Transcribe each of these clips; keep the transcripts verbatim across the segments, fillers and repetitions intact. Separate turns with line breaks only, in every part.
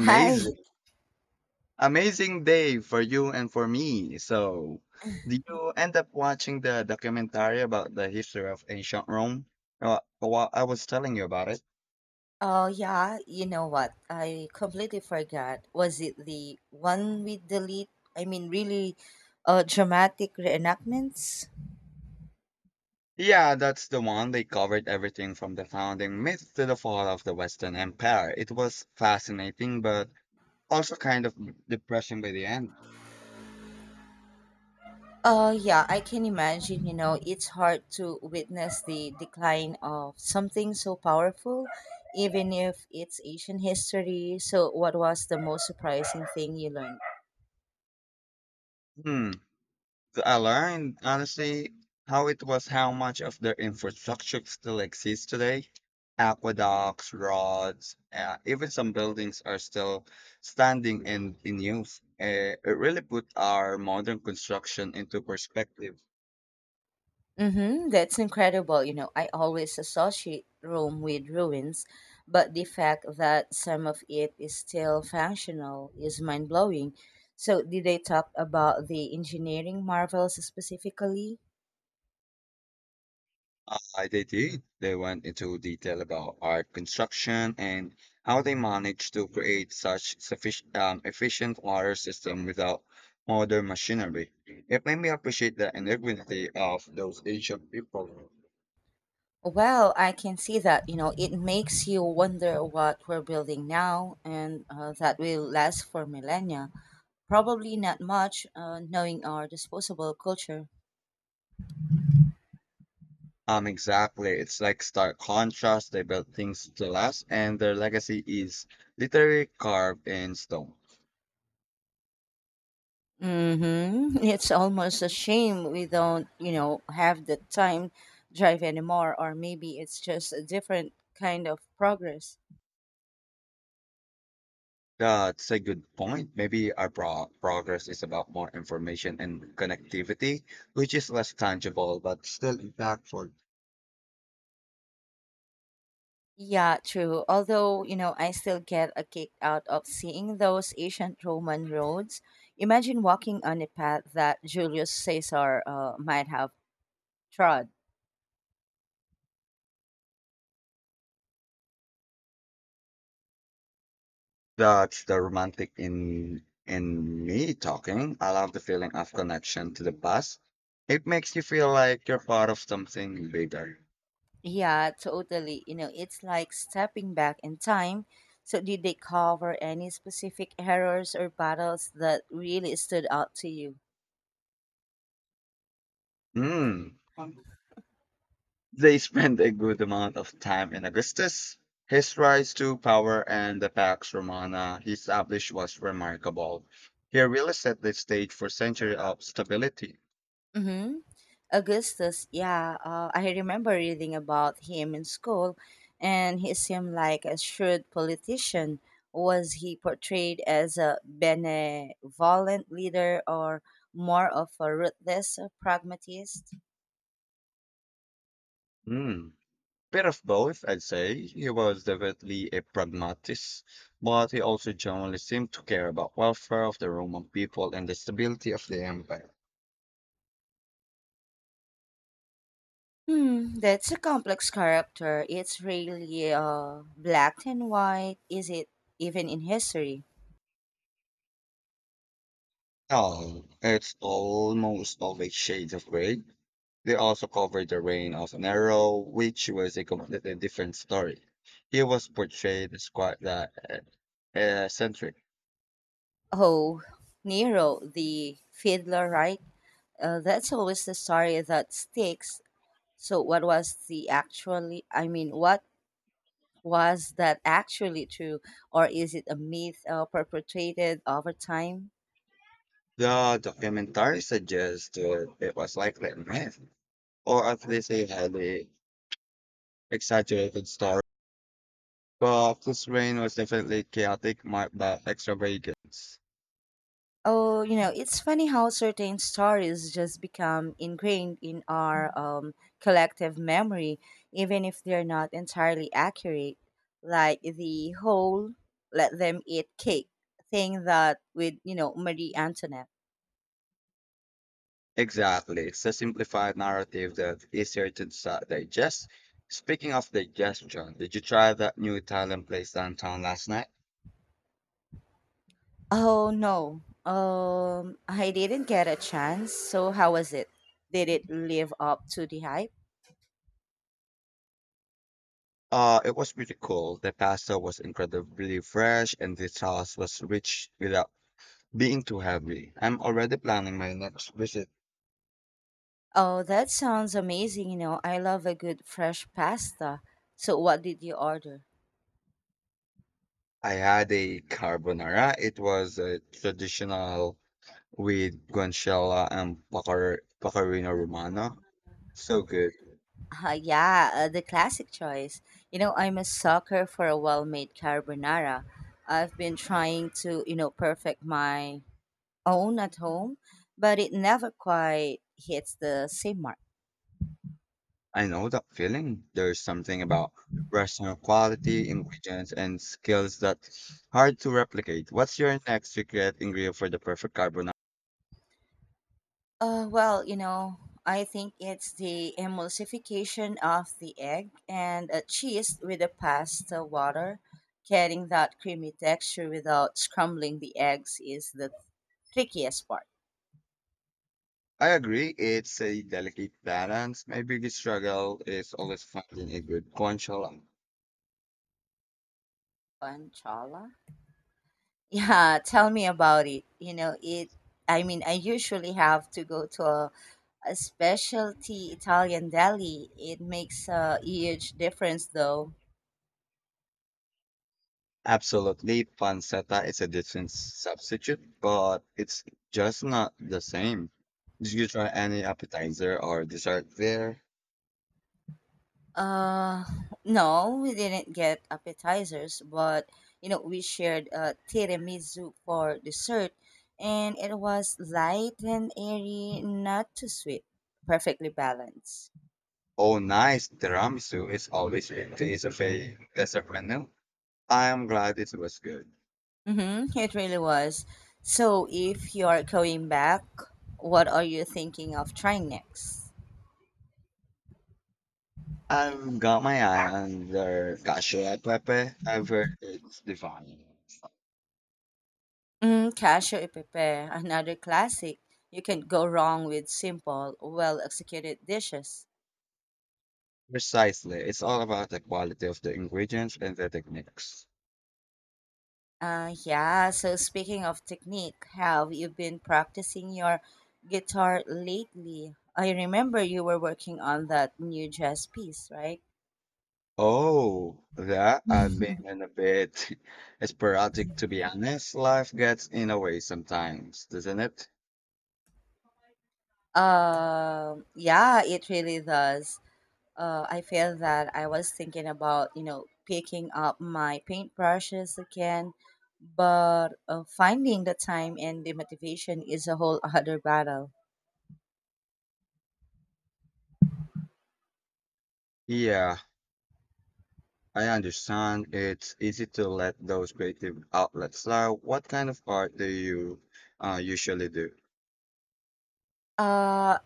Hi.
Amazing day for you and for me. So, did you end up watching the documentary about the history of ancient Rome? Uh, well, I was telling you about it.
Oh, yeah. You know what? I completely forgot. Was it the one with the lead? I mean, really uh, dramatic reenactments?
Yeah, that's the one. They covered everything from the founding myth to the fall of the Western Empire. It was fascinating, but also kind of depressing by the end.
Uh, yeah, I can imagine. You know, it's hard to witness the decline of something so powerful, even if it's ancient history. So, what was the most surprising thing you learned?
Hmm. I learned honestly how it was how much of their infrastructure still exists today. Aqueducts, roads, uh, even some buildings are still standing and in use. Uh, it really put our modern construction into perspective.
Mm-hmm, that's incredible. You know, I always associate Rome with ruins, but the fact that some of it is still functional is mind blowing. So, did they talk about the engineering marvels specifically?
Uh, they did. They went into detail about art construction and how they managed to create such sufficient, um, efficient water system without modern machinery. It made me appreciate the ingenuity of those ancient people.
Well, I can see that. You know, it makes you wonder what we're building now and uh, that will last for millennia. Probably not much, uh, knowing our disposable culture.
Um, exactly. It's like stark contrast. They built things to last, and their legacy is literally carved in stone.
Mm-hmm. It's almost a shame we don't, you know, have the time drive anymore, or maybe it's just a different kind of progress.
That's a good point. Maybe our pro progress is about more information and connectivity, which is less tangible but still impactful.
Yeah, true. Although, you know, I still get a kick out of seeing those ancient Roman roads. Imagine walking on a path that Julius Caesar uh, might have trod.
That's the romantic in in me talking. I love the feeling of connection to the past. It makes you feel like you're part of something bigger.
Yeah, totally. You know, it's like stepping back in time. So, did they cover any specific errors or battles that really stood out to you?
Mm. They spent a good amount of time in Augustus. His rise to power and the Pax Romana he established was remarkable. He really set the stage for century of stability.
Mm-hmm. Augustus, yeah, uh, I remember reading about him in school, and he seemed like a shrewd politician. Was he portrayed as a benevolent leader or more of a ruthless pragmatist?
Hmm. Bit of both, I'd say. He was definitely a pragmatist, but he also generally seemed to care about welfare of the Roman people and the stability of the empire.
Hmm, that's a complex character. It's really uh, black and white. Is it even in history?
Oh, it's almost always shades of gray. They also covered the reign of Nero, which was a completely different story. He was portrayed as quite the uh, eccentric.
Oh, Nero, the fiddler, right? Uh, that's always the story that sticks. So, what was the actually, I mean, what was that actually true? Or is it a myth uh, perpetuated over time?
The documentary suggests that it was likely a myth, or at least a highly exaggerated story. But this reign was definitely chaotic, marked by extravagance.
Oh, you know, it's funny how certain stories just become ingrained in our um, collective memory, even if they're not entirely accurate. Like the whole let them eat cake thing that with, you know, Marie Antoinette.
Exactly. It's a simplified narrative that's easier to disa- digest. Speaking of digestion, did you try that new Italian place downtown last night?
Oh, no. Um, I didn't get a chance. So, how was it? Did it live up to the hype?
Uh, it was pretty cool. The pasta was incredibly fresh and the sauce was rich without being too heavy. I'm already planning my next visit.
Oh, that sounds amazing. You know, I love a good fresh pasta. So, what did you order?
I had a carbonara. It was a traditional with guanciale and pecorino pecorino romano. So good.
Uh, yeah, uh, the classic choice. You know, I'm a sucker for a well made carbonara. I've been trying to, you know, perfect my own at home, but it never quite hits the same mark.
I know that feeling. There's something about restaurant quality, ingredients, and skills that hard to replicate. What's your next secret ingredient for the perfect carbonara?
Uh, well, you know, I think it's the emulsification of the egg and a cheese with the pasta water. Getting that creamy texture without scrambling the eggs is the trickiest part.
I agree. It's a delicate balance. My biggest struggle is always finding a good guanciale.
Panchala? Yeah, tell me about it. You know, it I mean, I usually have to go to a, a specialty Italian deli. It makes a huge difference though.
Absolutely, pancetta is a decent substitute, but it's just not the same. Did you try any appetizer or dessert there?
Uh, no, we didn't get appetizers, but you know, we shared a tiramisu for dessert and it was light and airy, not too sweet, perfectly balanced.
Oh, nice. Tiramisu is always a taste of a dessert menu. I'm glad it was good.
Mm-hmm, it really was. So, if you're going back, what are you thinking of trying next?
I've got my eye on their cacio e pepe. I've heard it's divine.
Mm, cashew e pepe, another classic. You can't go wrong with simple, well executed dishes.
Precisely. It's all about the quality of the ingredients and the techniques.
Uh, yeah, so speaking of technique, have you been practicing your guitar lately? I remember you were working on that new jazz piece, right?
Oh, that I've been in a bit sporadic to be honest. Life gets in the way sometimes, doesn't it?
Um, yeah, it really does. uh, I feel that I was thinking about, you know, picking up my paintbrushes again, but uh, finding the time and the motivation is a whole other battle.
Yeah, I understand. It's easy to let those creative outlets out. What kind of art do you uh, usually do?
Uh,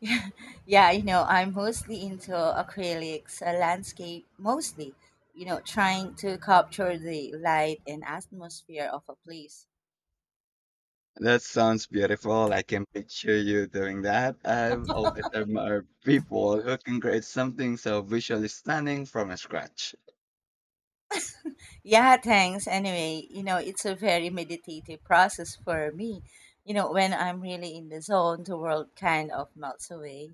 yeah, you know, I'm mostly into acrylics, uh, landscape mostly, you know, trying to capture the light and atmosphere of a place.
That sounds beautiful. I can picture you doing that. I've always admired people who can create something so visually stunning from scratch.
Yeah, thanks. Anyway, you know, it's a very meditative process for me. You know, when I'm really in the zone, the world kind of melts away.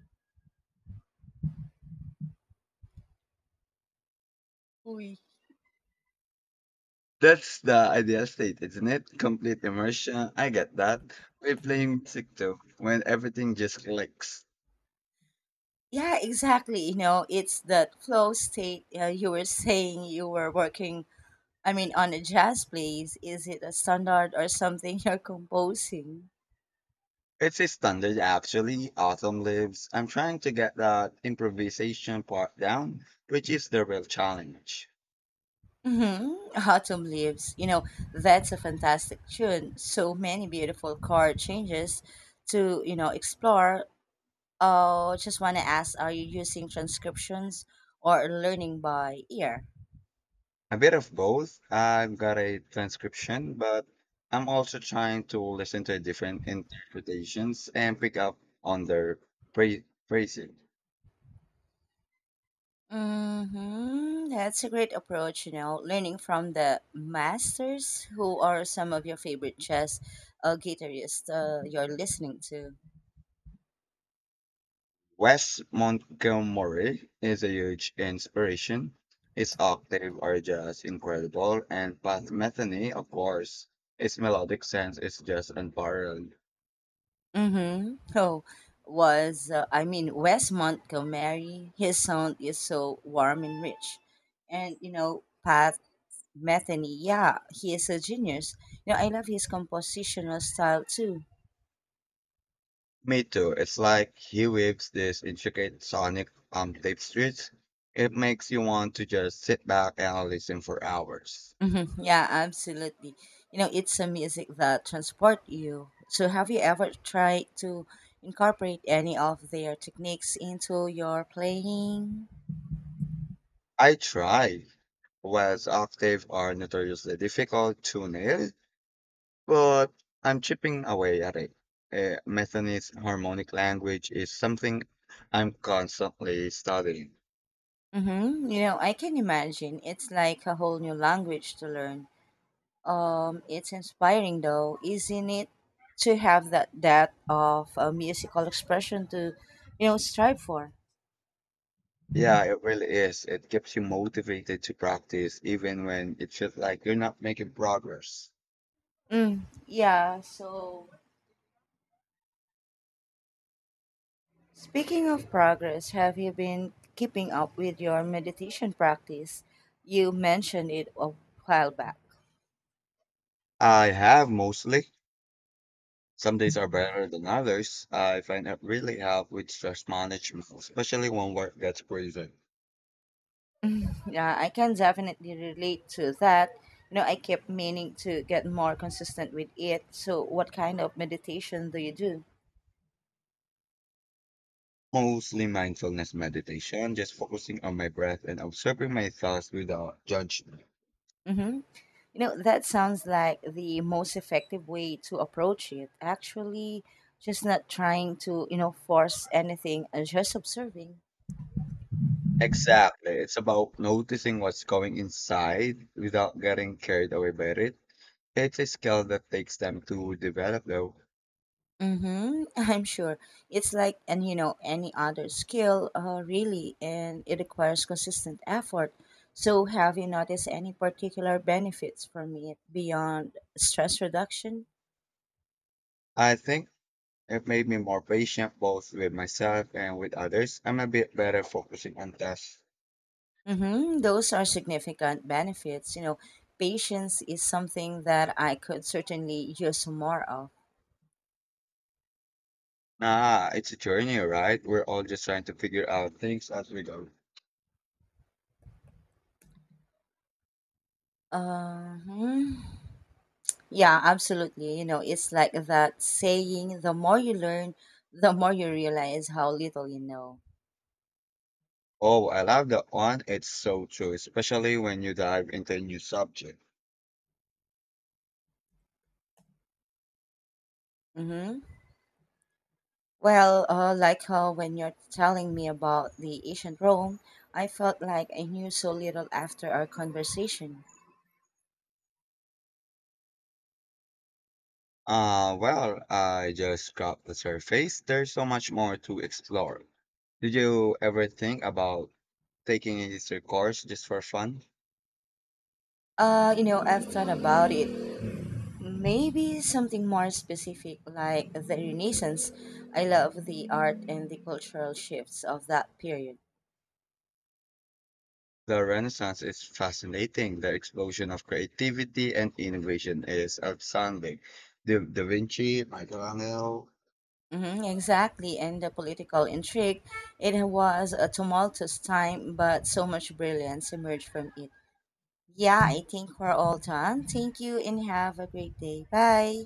Uy.
That's the ideal state, isn't it? Complete immersion. I get that. We're playing music too, when everything just clicks.
Yeah, exactly. You know, it's that flow state uh, you were saying you were working, I mean, on a jazz place. Is it a standard or something you're composing?
It's a standard, actually. Autumn lives. I'm trying to get that improvisation part down, which is the real challenge.
Mm-hmm. Autumn Leaves. You know, that's a fantastic tune. So many beautiful chord changes to, you know, explore. Oh, just want to ask, are you using transcriptions or learning by ear?
A bit of both. I've got a transcription, but I'm also trying to listen to different interpretations and pick up on their phra- phrasing.
Hmm, that's a great approach. You know, learning from the masters, who are some of your favorite jazz uh, guitarists uh, you're listening to?
West Montgomery is a huge inspiration. Its octave are just incredible, and Pat Metheny, of course, its melodic sense is just unparalleled.
Mm-hmm. Oh, was, uh, I mean, Wes Montgomery, his sound is so warm and rich. And, you know, Pat Metheny, yeah, he is a genius. You know, I love his compositional style too.
Me too. It's like he weaves these intricate sonic um tapestries. It makes you want to just sit back and listen for hours.
Mhm. Yeah, absolutely. You know, it's a music that transport you. So have you ever tried to incorporate any of their techniques into your playing?
I try. West octave are notoriously difficult to nail, But I'm chipping away at it. Uh, Methanese harmonic language is something I'm constantly studying.
Mm-hmm. You know, I can imagine. It's like a whole new language to learn. Um, it's inspiring though, isn't it? To have that depth of a musical expression to, you know, strive for.
Yeah, it really is. It keeps you motivated to practice even when it feels like you're not making progress.
Mm, yeah, so speaking of progress, have you been keeping up with your meditation practice? You mentioned it a while back.
I have mostly. Some days are better than others. I find it really helps with stress management, especially when work gets crazy.
Yeah, I can definitely relate to that. You know, I kept meaning to get more consistent with it. So, what kind of meditation do you do?
Mostly mindfulness meditation, just focusing on my breath and observing my thoughts without judgment.
Hmm. You know, that sounds like the most effective way to approach it. Actually, just not trying to, you know, force anything, uh, just observing.
Exactly. It's about noticing what's going inside without getting carried away by it. It's a skill that takes time to develop, though.
Mm-hmm. I'm sure. It's like and you know any other skill, uh, really, and it requires consistent effort. So, have you noticed any particular benefits from it beyond stress reduction?
I think it made me more patient both with myself and with others. I'm a bit better focusing on tasks.
Mm-hmm. Those are significant benefits. You know, patience is something that I could certainly use more of.
Nah, it's a journey, right? We're all just trying to figure out things as we go.
Uh-huh. Yeah, absolutely. You know, it's like that saying: the more you learn, the more you realize how little you know.
Oh, I love that one. It's so true, especially when you dive into a new subject.
Mm-hmm. Well, uh, like uh, when you're telling me about the ancient Rome, I felt like I knew so little after our conversation.
Uh, well, I just scratched the surface. There's so much more to explore. Did you ever think about taking a history course just for fun?
Uh, you know, I've thought about it. Maybe something more specific like the Renaissance. I love the art and the cultural shifts of that period.
The Renaissance is fascinating. The explosion of creativity and innovation is outstanding. Da, da Vinci, Michelangelo,
Hmm, exactly, and the political intrigue. It was a tumultuous time, but so much brilliance emerged from it. Yeah, I think we're all done. Thank you and have a great day. Bye.